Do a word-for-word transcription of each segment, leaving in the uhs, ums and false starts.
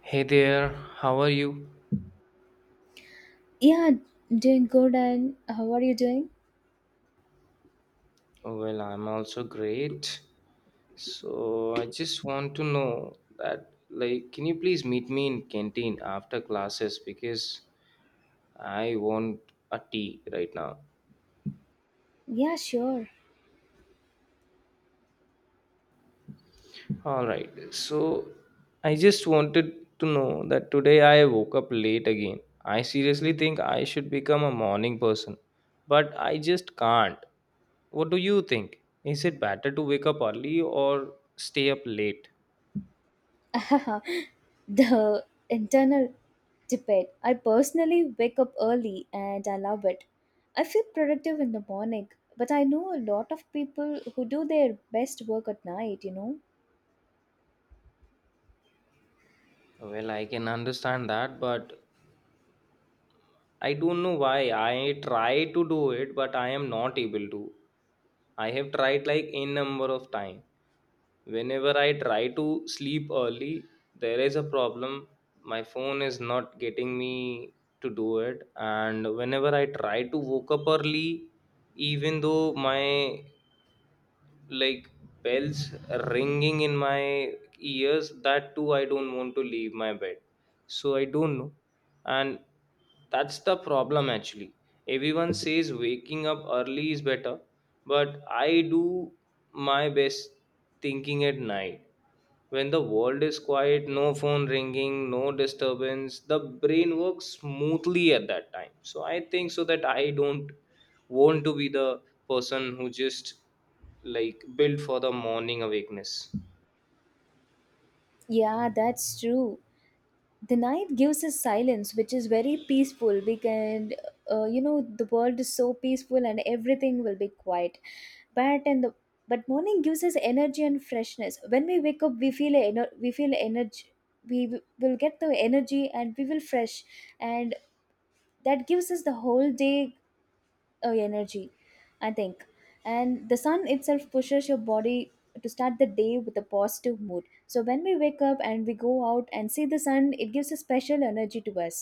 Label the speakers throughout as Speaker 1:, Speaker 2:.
Speaker 1: Hey there, how are you?
Speaker 2: Yeah, doing good. And uh, how are you doing?
Speaker 1: Well, I'm also great. So I just want to know that like can you please meet me in canteen after classes because I want a tea right now.
Speaker 2: Yeah, sure.
Speaker 1: All right. So I just wanted to know that today I woke up late again. I seriously think I should become a morning person, but I just can't. What do you think? Is it better to wake up early or stay up late?
Speaker 2: The internal debate. I personally wake up early, and I love it. I feel productive in the morning, but I know a lot of people who do their best work at night, you know?
Speaker 1: Well, I can understand that, but I don't know why. I try to do it, but I am not able to. I have tried like n number of time. Whenever I try to sleep early, there is a problem. My phone is not getting me to do it, and whenever I try to wake up early, even though my like bells ringing in my ears, that too I don't want to leave my bed. So I don't know, and that's the problem actually. Everyone says waking up early is better, but I do my best thinking at night when the world is quiet, no phone ringing, no disturbance, the brain works smoothly at that time. So I think so that I don't want to be the person who just like built for the morning awakeness.
Speaker 2: Yeah, that's true. The night gives us silence, which is very peaceful. We can, uh, you know, the world is so peaceful and everything will be quiet. but and the, but morning gives us energy and freshness. When we wake up we feel ener- we feel energy. we w- will get the energy, and we will fresh. And that gives us the whole day uh, energy, I think. And the sun itself pushes your body to start the day with a positive mood. So when we wake up and we go out and see the sun, it gives a special energy to us,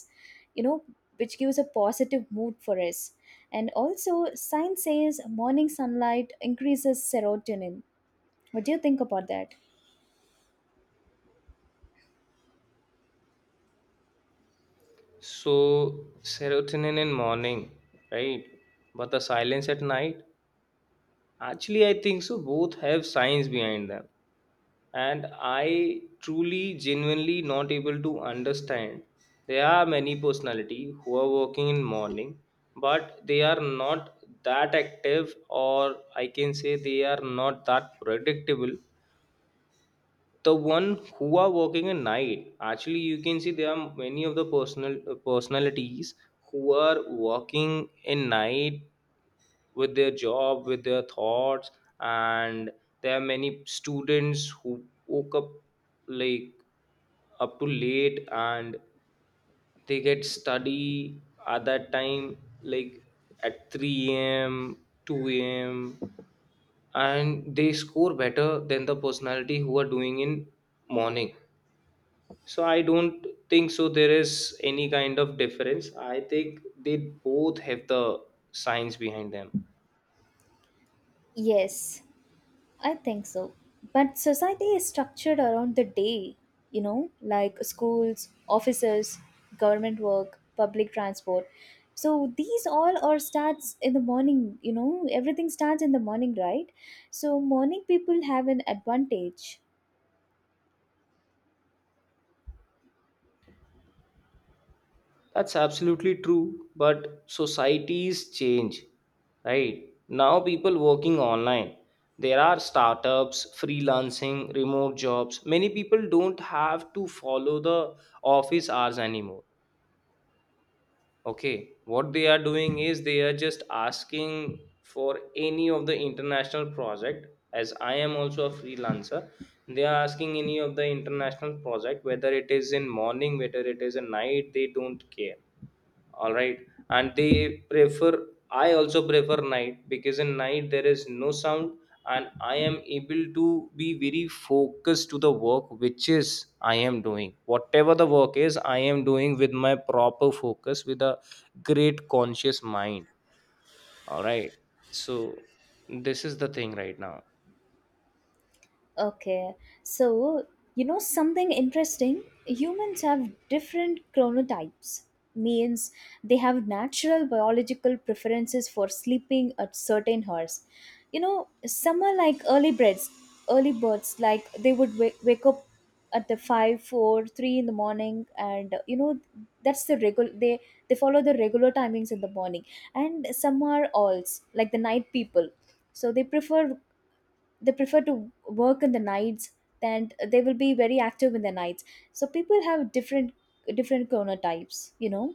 Speaker 2: you know which gives a positive mood for us. And also science says morning sunlight increases serotonin. What do you think about that?
Speaker 1: So serotonin in morning, right? But the silence at night, actually I think so both have science behind them. And I truly genuinely not able to understand. There are many personality who are working in morning, but they are not that active, or I can say they are not that predictable. The one who are working at night, actually you can see there are many of the personal personalities who are working in night, with their job, with their thoughts. And there are many students who woke up like up to late and they get study at that time, like at three a m a.m, two a m a.m, and they score better than the personality who are doing in morning. So I don't think so there is any kind of difference. I think they both have the science behind them.
Speaker 2: Yes, I think so. But society is structured around the day, you know, like schools, offices, government work, public transport. So these all are starts in the morning, you know, everything starts in the morning, right? So morning people have an advantage.
Speaker 1: That's absolutely true, but societies change, right? Now people working online. There are startups, freelancing, remote jobs. Many people don't have to follow the office hours anymore. Okay, what they are doing is they are just asking for any of the international project, as I am also a freelancer. They are asking any of the international project, whether it is in morning, whether it is in night, they don't care. All right. And they prefer, I also prefer night because in night there is no sound, and I am able to be very focused to the work which is I am doing. Whatever the work is, I am doing with my proper focus, with a great conscious mind. All right. So this is the thing right now.
Speaker 2: Okay, so you know something interesting? Humans have different chronotypes, means they have natural biological preferences for sleeping at certain hours. You know, some are like early birds, early birds, like they would wake, wake up at the five, four, three in the morning, and you know, that's the regular, they, they follow the regular timings in the morning. And some are alls, like the night people, so they prefer they prefer to work in the nights, and they will be very active in the nights. So people have different different chronotypes, you know.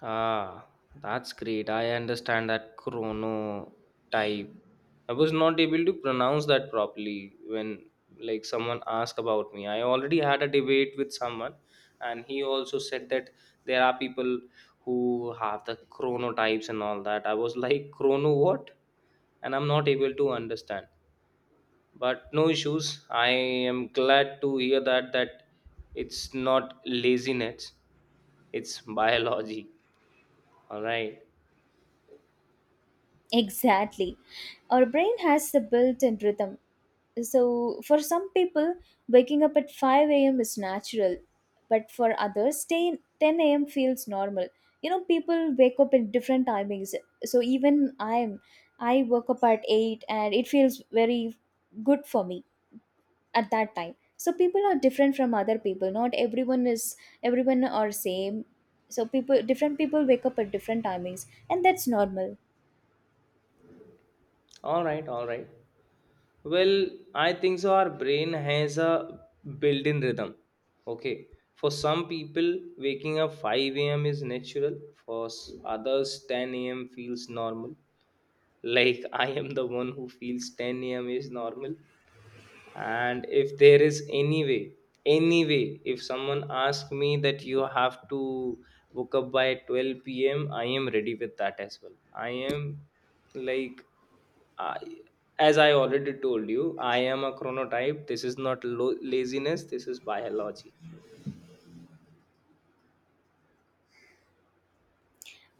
Speaker 1: Ah, that's great. I understand that chronotype. I was not able to pronounce that properly when like someone asked about me. I already had a debate with someone and he also said that there are people who have the chronotypes and all that. I was like chrono what? And I'm not able to understand. But no issues. I am glad to hear that that it's not laziness, it's biology. All right.
Speaker 2: Exactly, our brain has the built-in rhythm. So for some people, waking up at five a.m is natural, but for others, staying ten a.m feels normal. You know, people wake up in different timings. So even i'm i woke up at eight, and it feels very good for me at that time. So people are different from other people, not everyone is everyone are same. So people different people wake up at different timings, and that's normal.
Speaker 1: All right, all right. Well, I think so. Our brain has a built in rhythm. Okay. For some people, waking up five a m is natural. For s- others, ten a m feels normal. Like I am the one who feels ten a m is normal. And if there is any way, any way, if someone asks me that you have to wake up by twelve p m, I am ready with that as well. I am like I, as I already told you, I am a chronotype. This is not lo- laziness. This is biology.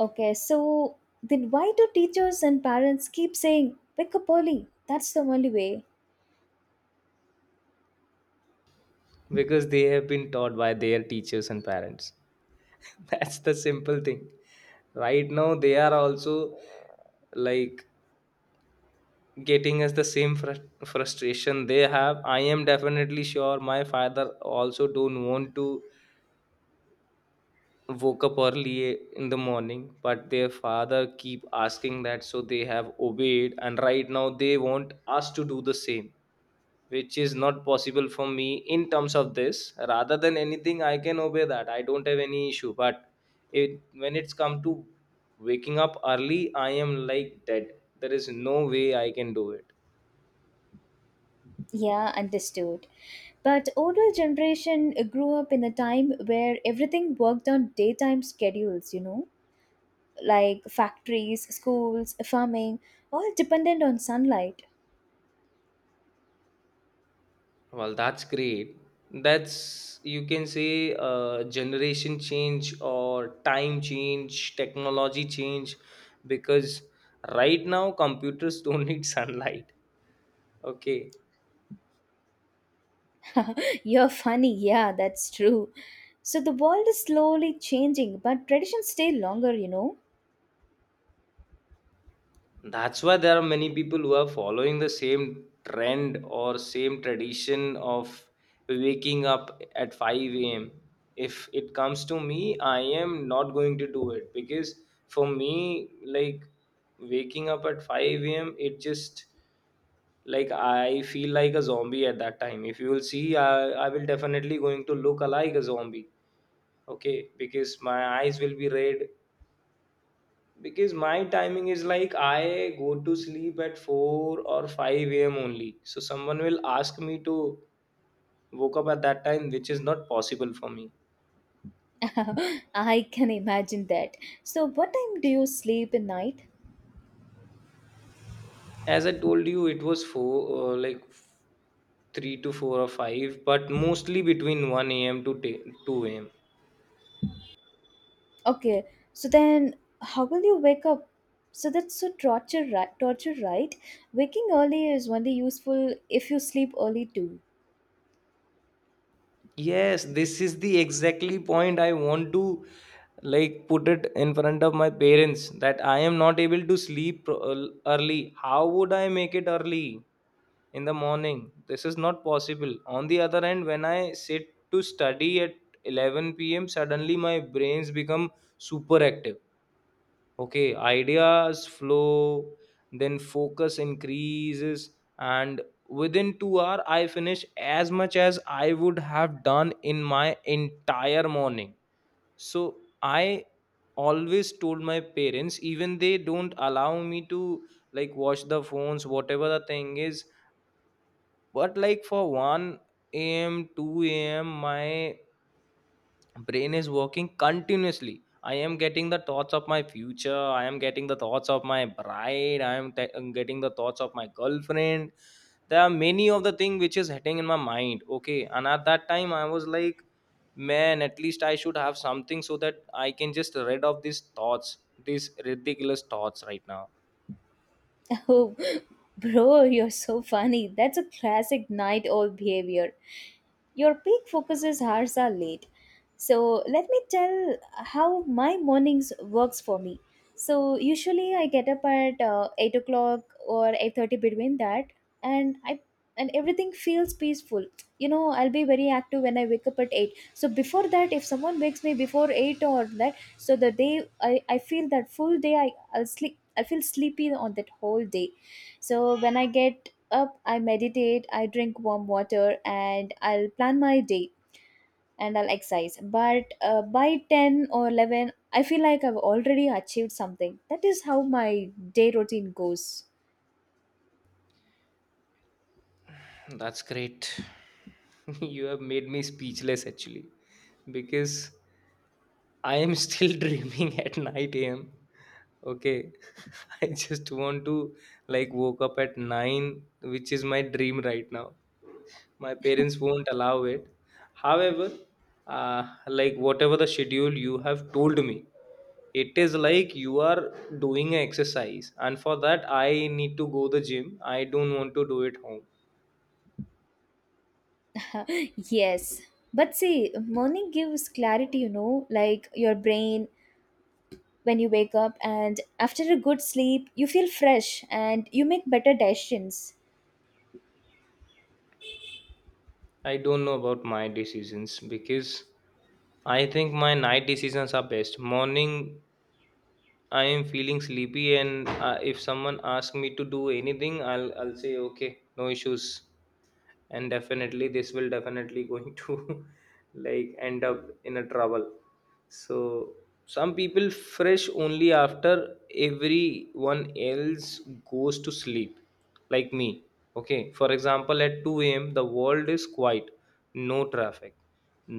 Speaker 2: Okay, so then why do teachers and parents keep saying wake up early, that's the only way?
Speaker 1: Because they have been taught by their teachers and parents. That's the simple thing. Right now, they are also like getting us the same frus- frustration they have. I am definitely sure my father also don't want to woke up early in the morning, but their father keep asking that, so they have obeyed. And right now they want us to do the same, which is not possible for me. In terms of this, rather than anything, I can obey that. I don't have any issue. But it, when it's come to waking up early, I am like dead. There is no way I can do it.
Speaker 2: Yeah, understood. But older generation grew up in a time where everything worked on daytime schedules, you know, like factories, schools, farming, all dependent on sunlight.
Speaker 1: Well, that's great. That's, you can say, uh, generation change or time change, technology change, because right now computers don't need sunlight. Okay.
Speaker 2: You're funny. Yeah, that's true. So the world is slowly changing, but traditions stay longer, you know.
Speaker 1: That's why there are many people who are following the same trend or same tradition of waking up at five a m. If it comes to me, I am not going to do it because for me, like waking up at five a m, it just like I feel like a zombie at that time. If you will see, i, I will definitely going to look like a zombie. Okay, because my eyes will be red. Because my timing is like I go to sleep at four or five a m only, so someone will ask me to woke up at that time, which is not possible for me.
Speaker 2: I can imagine that. So what time do you sleep at night?
Speaker 1: As I told you, it was four, uh, like three to four or five, but mostly between one a m to ten, two a m.
Speaker 2: Okay. So then how will you wake up? So that's so torture, right? Torture, right? Waking early is only useful if you sleep early too.
Speaker 1: Yes, this is the exactly point I want to like put it in front of my parents, that I am not able to sleep pro- uh, early. How would I make it early in the morning? This is not possible. On the other hand, when I sit to study at eleven p m, suddenly my brains become super active. Okay, ideas flow, then focus increases, and within two hour I finish as much as I would have done in my entire morning. So I always told my parents, even they don't allow me to like watch the phones, whatever the thing is. But like for one a m, two a m, my brain is working continuously. I am getting the thoughts of my future. I am getting the thoughts of my bride. i am te- I'm getting the thoughts of my girlfriend. There are many of the thing which is hitting in my mind. Okay, and at that time I was like, man, at least I should have something so that I can just rid of these thoughts, these ridiculous thoughts right now.
Speaker 2: Oh, bro, you're so funny. That's a classic night owl behavior. Your peak focuses hours are late. So let me tell how my mornings works for me. So usually I get up at uh, eight o'clock or eight thirty between that, and I and everything feels peaceful. You know, I'll be very active when I wake up at eight. So before that, if someone wakes me before eight or that, so the day I, I feel that full day I I'll sleep. I feel sleepy on that whole day. So when I get up, I meditate, I drink warm water, and I'll plan my day, and I'll exercise. But uh, by ten or eleven, I feel like I've already achieved something. That is how my day routine goes.
Speaker 1: That's great. You have made me speechless actually, because I am still dreaming at nine a m. Okay. I just want to like woke up at nine, which is my dream right now. My parents won't allow it. However, uh, like whatever the schedule you have told me, it is like you are doing an exercise. And for that, I need to go the gym. I don't want to do it home.
Speaker 2: Yes. But see, morning gives clarity, you know, like your brain when you wake up, and after a good sleep, you feel fresh and you make better decisions.
Speaker 1: I don't know about my decisions, because I think my night decisions are best. Morning I am feeling sleepy, and uh, if someone asks me to do anything, I'll I'll say okay, no issues, and definitely this will definitely going to like end up in a trouble. So some people fresh only after everyone else goes to sleep, like me. Okay, for example, at two a m the world is quiet, no traffic,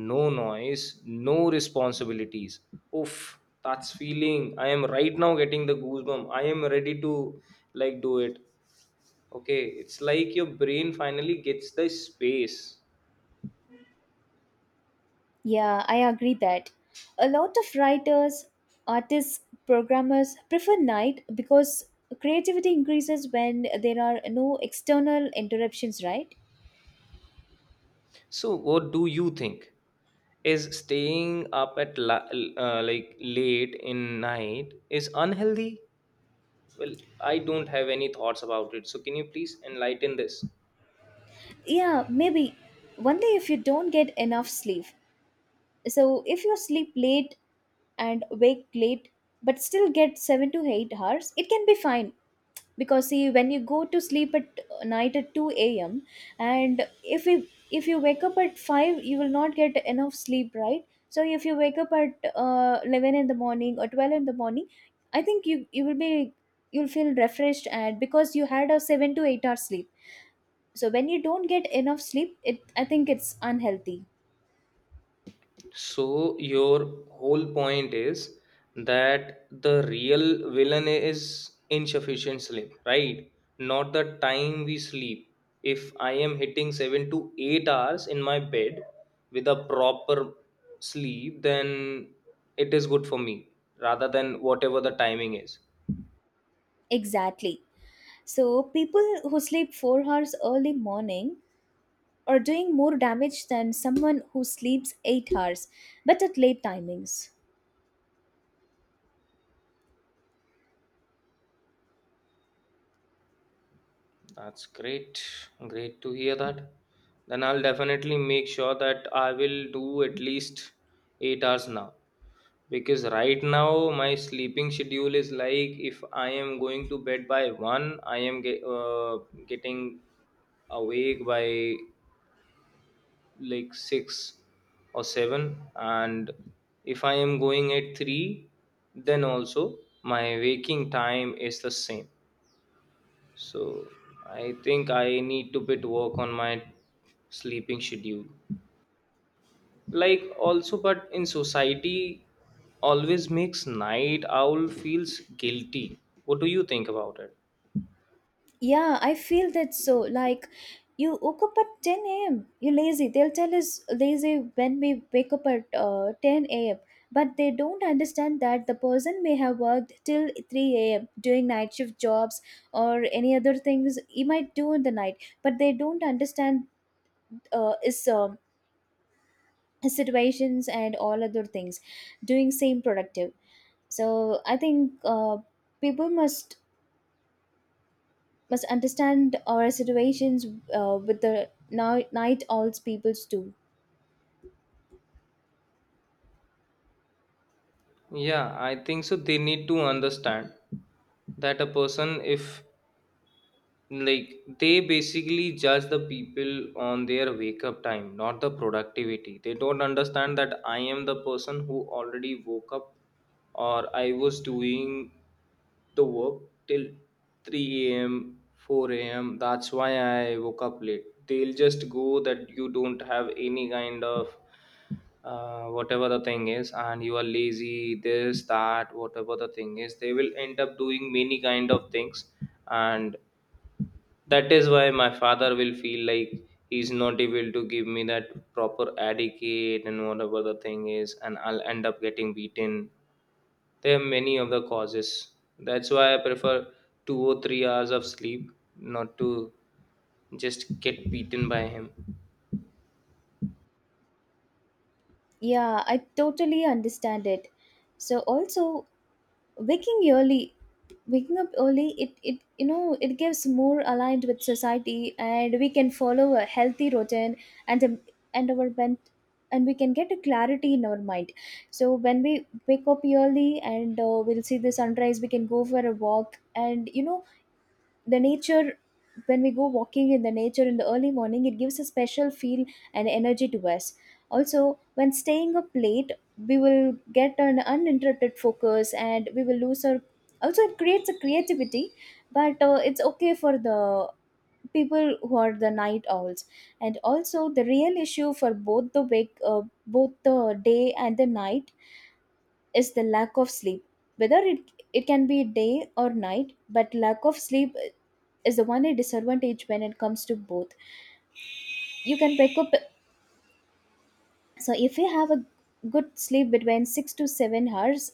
Speaker 1: no noise, no responsibilities. Oof, that's feeling. I am right now getting the goosebump. I am ready to like do it. Okay, it's like your brain finally gets the space.
Speaker 2: Yeah, I agree that. A lot of writers, artists, programmers prefer night because creativity increases when there are no external interruptions, right?
Speaker 1: So, what do you think? Is staying up at la- uh, like late in night is unhealthy? Well, I don't have any thoughts about it. So, can you please enlighten this?
Speaker 2: Yeah, maybe one day if you don't get enough sleep. So if you sleep late and wake late but still get seven to eight hours, it can be fine. Because see, when you go to sleep at uh, night at two a.m, and if you if you wake up at five, you will not get enough sleep, right? So if you wake up at uh, eleven in the morning or twelve in the morning, I think you you will be you'll feel refreshed and because you had a seven to eight hour sleep. So when you don't get enough sleep, it I think it's unhealthy.
Speaker 1: So your whole point is that the real villain is insufficient sleep, right? Not the time we sleep. If I am hitting seven to eight hours in my bed with a proper sleep, then it is good for me rather than whatever the timing is.
Speaker 2: Exactly, so people who sleep four hours early morning or doing more damage than someone who sleeps eight hours but at late timings.
Speaker 1: That's great. Great to hear that. Then I'll definitely make sure that I will do at least eight hours now. Because right now my sleeping schedule is like if I am going to bed by one, I am ge- uh, getting awake by like six or seven. And if I am going at three, then also my waking time is the same. So I think I need to bit work on my sleeping schedule. Like also, but in society, always makes night owl feels guilty. What do you think about it?
Speaker 2: Yeah, I feel that so. Like, you woke up at ten a m. You're lazy. They'll tell us lazy when we wake up at uh, ten a m. But they don't understand that the person may have worked till three a m doing night shift jobs or any other things he might do in the night. But they don't understand uh, his, um his situations and all other things doing same productive. So I think uh, people must must understand our situations uh, with the night night owls peoples too.
Speaker 1: Yeah, I think so. They need to understand that a person, if like they basically judge the people on their wake up time, not the productivity. They don't understand that I am the person who already woke up, or I was doing the work till three a m a.m, four a m a.m. That's why I woke up late. They'll just go that you don't have any kind of uh, whatever the thing is, and you are lazy, this that, whatever the thing is. They will end up doing many kind of things. And that is why my father will feel like he's not able to give me that proper etiquette and whatever the thing is, and I'll end up getting beaten. There are many of the causes. That's why I prefer two or three hours of sleep, not to just get beaten by him.
Speaker 2: Yeah, I totally understand it. So also, waking early waking up early, it it you know it gives more aligned with society, and we can follow a healthy routine. And a, and our bent, and we can get a clarity in our mind. So when we wake up early and uh, we'll see the sunrise, we can go for a walk, and you know the nature, when we go walking in the nature in the early morning, it gives a special feel and energy to us. Also when staying up late, we will get an uninterrupted focus, and we will lose our, also it creates a creativity. But uh, it's okay for the people who are the night owls. And also the real issue for both the wake uh, both the day and the night is the lack of sleep. Whether it it can be day or night, but lack of sleep is the one disadvantage when it comes to both. You can pick up, so if you have a good sleep between six to seven hours,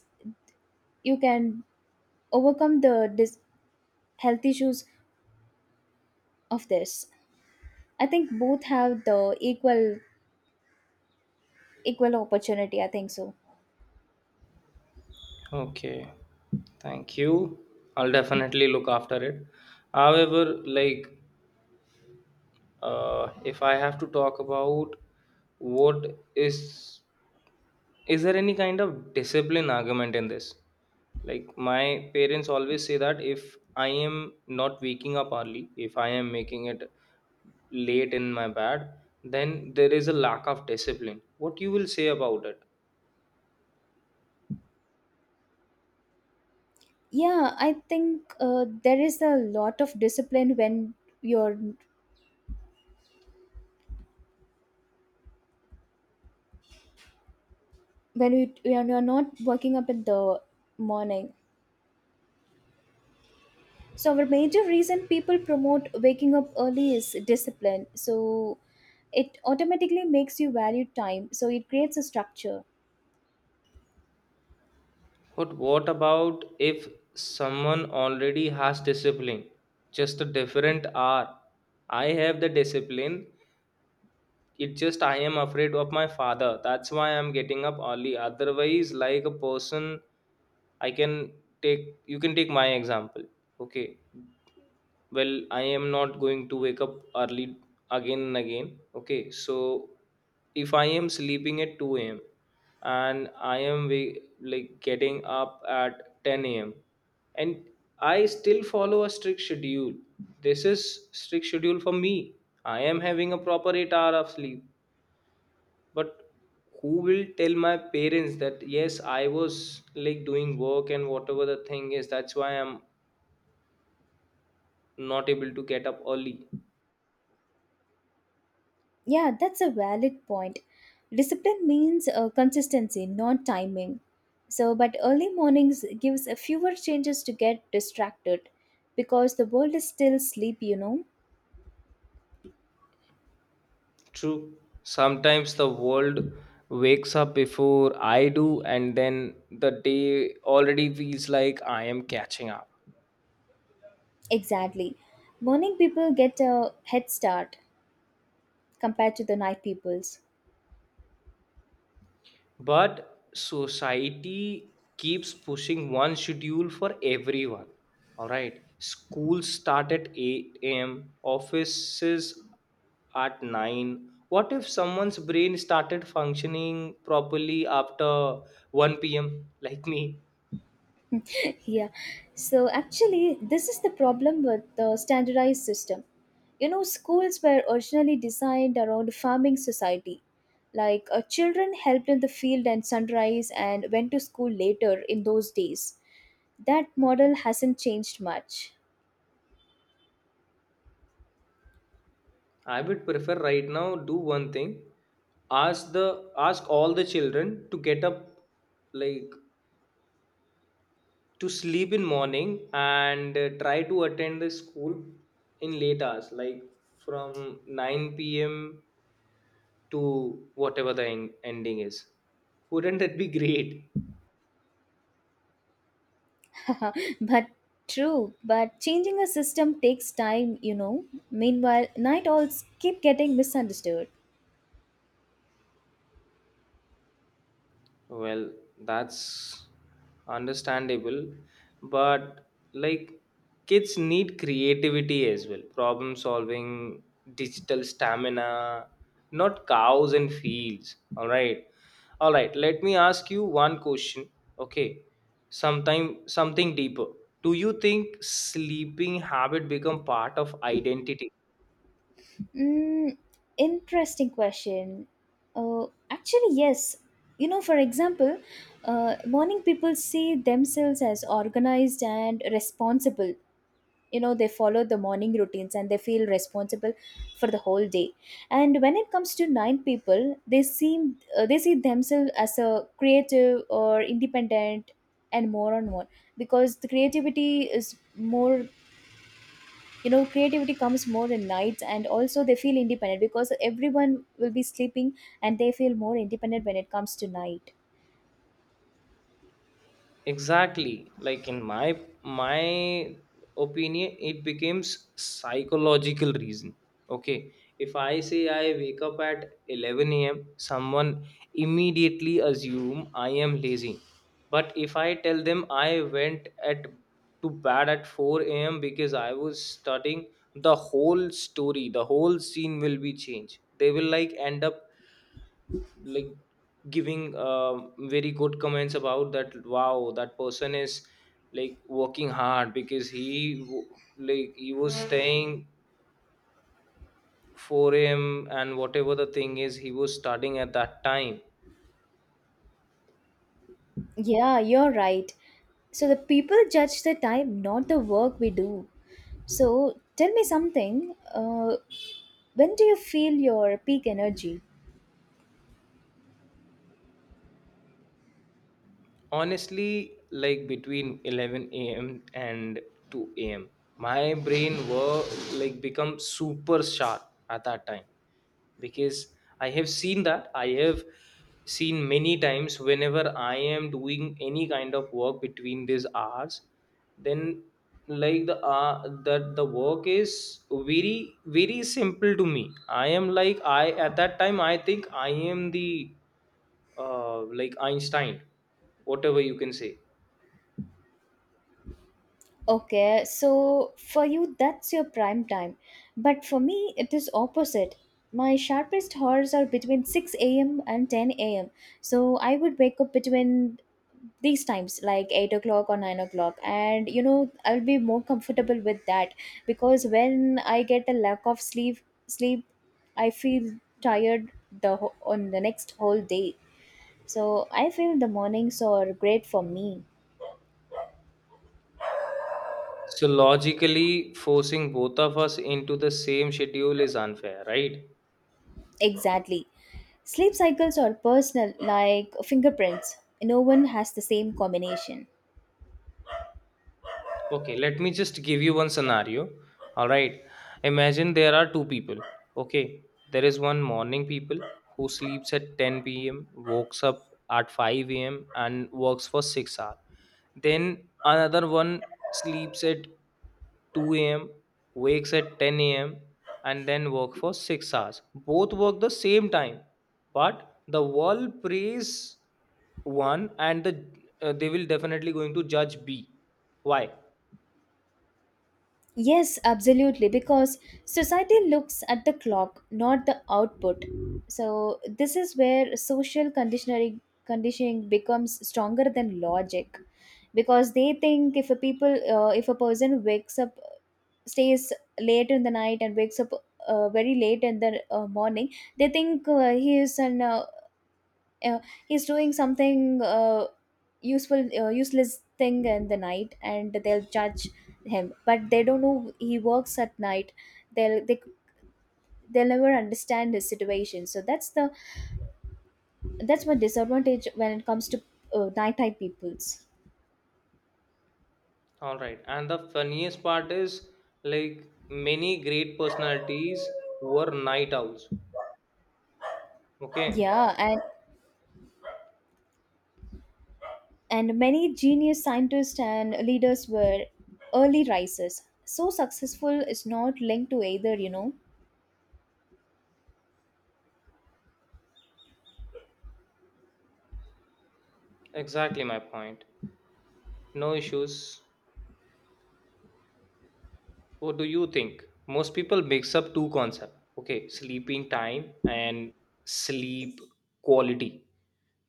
Speaker 2: you can overcome the dis- health issues of this. I think both have the equal equal opportunity, I think so.
Speaker 1: Okay, thank you. I'll definitely look after it. However, like, uh, if I have to talk about what is Is there any kind of discipline argument in this? Like my parents always say that if I am not waking up early, if I am making it late in my bed, then there is a lack of discipline. What you will say about it?
Speaker 2: Yeah, I think uh, there is a lot of discipline when you're when you when you're not working up in the morning. So our major reason people promote waking up early is discipline. So it automatically makes you value time. So it creates a structure.
Speaker 1: But what about if someone already has discipline? Just a different hour. I have the discipline. It just I am afraid of my father. That's why I'm getting up early. Otherwise, like a person, I can take you can take my example. Okay, well, I am not going to wake up early, again and again. Okay, so if I am sleeping at two a m a.m, and I am wa- like getting up at ten a m a.m, and I still follow a strict schedule. This is strict schedule for me. I am having a proper eight hour of sleep. But who will tell my parents that yes, I was like doing work and whatever the thing is, that's why I'm not able to get up early.
Speaker 2: Yeah, that's a valid point. Discipline means uh, consistency, not timing. So but early mornings gives a fewer chances to get distracted because the world is still sleep, you know.
Speaker 1: True. Sometimes the world wakes up before I do, and then the day already feels like I am catching up.
Speaker 2: Exactly. Morning people get a head start compared to the night people's.
Speaker 1: But society keeps pushing one schedule for everyone. All right, schools start at eight a m, offices at nine. What if someone's brain started functioning properly after one p m, like me?
Speaker 2: Yeah, so actually this is the problem with the standardized system, you know, schools were originally designed around farming society, like uh, children helped in the field and sunrise and went to school later in those days. That model hasn't changed much.
Speaker 1: I would prefer right now, do one thing. Ask the ask all the children to get up, like to sleep in morning, and uh, try to attend the school in late hours, like from nine p m p.m to whatever the en- ending is. Wouldn't that be great?
Speaker 2: But true, but changing a system takes time, you know. Meanwhile, night owls keep getting misunderstood.
Speaker 1: Well, that's understandable, but like kids need creativity as well, problem solving, digital stamina, not cows and fields. All right. All right, let me ask you one question. Okay. Sometime something deeper. Do you think sleeping habit become part of identity?
Speaker 2: Mm, interesting question. Uh, actually, yes. You know, for example, uh, morning people see themselves as organized and responsible. You know, they follow the morning routines and they feel responsible for the whole day. And when it comes to nine people, they seem uh, they see themselves as a creative or independent and more on more, because the creativity is more. You know, creativity comes more in nights, and also they feel independent because everyone will be sleeping, and they feel more independent when it comes to night.
Speaker 1: Exactly. Like in my my opinion, it becomes psychological reason. Okay, if I say I wake up at eleven a m a.m, someone immediately assume I am lazy. But if I tell them I went at to bed at four a m a.m because I was studying, the whole story, the whole scene will be changed. They will like end up like giving um very good comments about that. Wow, that person is like working hard because he w- like he was staying four a m a.m and whatever the thing is, he was studying at that time.
Speaker 2: Yeah, you're right. So the people judge the time, not the work we do. So tell me something, uh, when do you feel your peak energy?
Speaker 1: Honestly, like between eleven a m and two a m, my brain were like become super sharp at that time. Because I have seen that. I have seen many times whenever I am doing any kind of work between these hours, then like the uh, that the work is very very simple to me. I am like, I at that time I think I am the uh, like Einstein, whatever you can say.
Speaker 2: Okay, so for you, that's your prime time. But for me, it is opposite. My sharpest hours are between six a m and ten a m. So I would wake up between these times, like eight o'clock or nine o'clock. And you know, I'll be more comfortable with that because when I get a lack of sleep, sleep, I feel tired the wh- on the next whole day. So I feel the mornings are great for me.
Speaker 1: So logically, forcing both of us into the same schedule is unfair, right?
Speaker 2: Exactly. Sleep cycles are personal, like fingerprints. No one has the same combination.
Speaker 1: Okay, let me just give you one scenario. All right, imagine there are two people. Okay, there is one morning people who sleeps at ten p m, wakes up at five a m, and works for six hours. Then another one sleeps at two a m, wakes at ten a m, and then work for six hours. Both work the same time, but the world praise one, and the uh, they will definitely going to judge B. Why?
Speaker 2: Yes, absolutely, because society looks at the clock, not the output. So this is where social conditioning, conditioning becomes stronger than logic, because they think if a people uh, if a person wakes up stays late in the night and wakes up uh, very late in the uh, morning. They think uh, he is an uh, uh, he's doing something uh, useful uh, useless thing in the night, and they'll judge him, but they don't know he works at night. They'll they, they'll never understand his situation. So that's the that's my disadvantage when it comes to uh, nighttime peoples.
Speaker 1: All right. And the funniest part is like many great personalities were night owls. Okay,
Speaker 2: Yeah, and and many genius scientists and leaders were early risers, so successful is not linked to either, you know.
Speaker 1: exactly my point. No issues. What do you think? Most people mix up two concepts. Okay, sleeping time and sleep quality.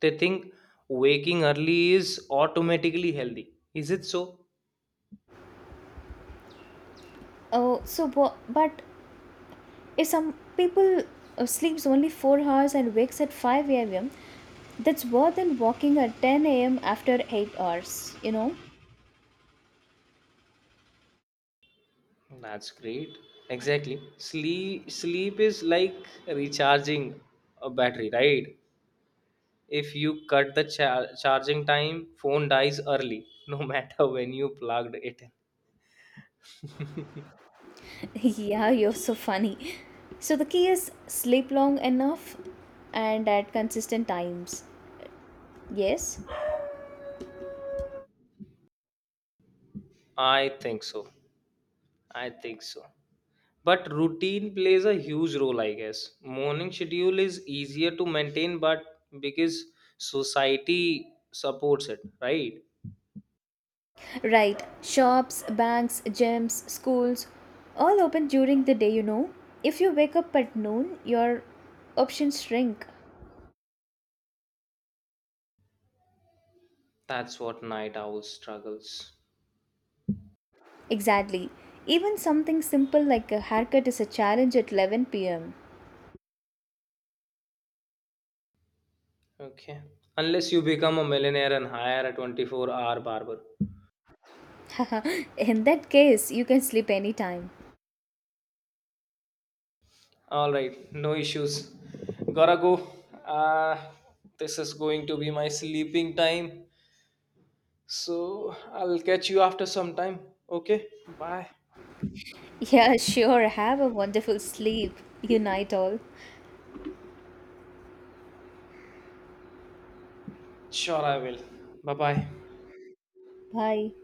Speaker 1: They think waking early is automatically healthy. Is it so?
Speaker 2: Oh, so bu- but if some people uh, sleeps only four hours and wakes at five a.m, that's worse than walking at ten a.m after eight hours, you know.
Speaker 1: That's great. Exactly. Sleep sleep is like recharging a battery, right? If you cut the char- charging time, phone dies early, no matter when you plugged it in.
Speaker 2: Yeah, you're so funny. So the key is sleep long enough and at consistent times, yes.
Speaker 1: I think so. I think so. But routine plays a huge role, I guess. Morning schedule is easier to maintain, but because society supports it, right?
Speaker 2: Right, shops, banks, gyms, schools all open during the day, you know. If you wake up at noon, your options shrink.
Speaker 1: That's what night owl struggles.
Speaker 2: Exactly. Even something simple like a haircut is a challenge at eleven p m.
Speaker 1: Okay. Unless you become a millionaire and hire a twenty-four hour barber.
Speaker 2: In that case, you can sleep anytime.
Speaker 1: All right, no issues. Gotta go. Uh, this is going to be my sleeping time. So I'll catch you after some time. Okay, bye.
Speaker 2: Yeah, sure. Have a wonderful sleep. You night all.
Speaker 1: Sure, I will. Bye bye.
Speaker 2: Bye.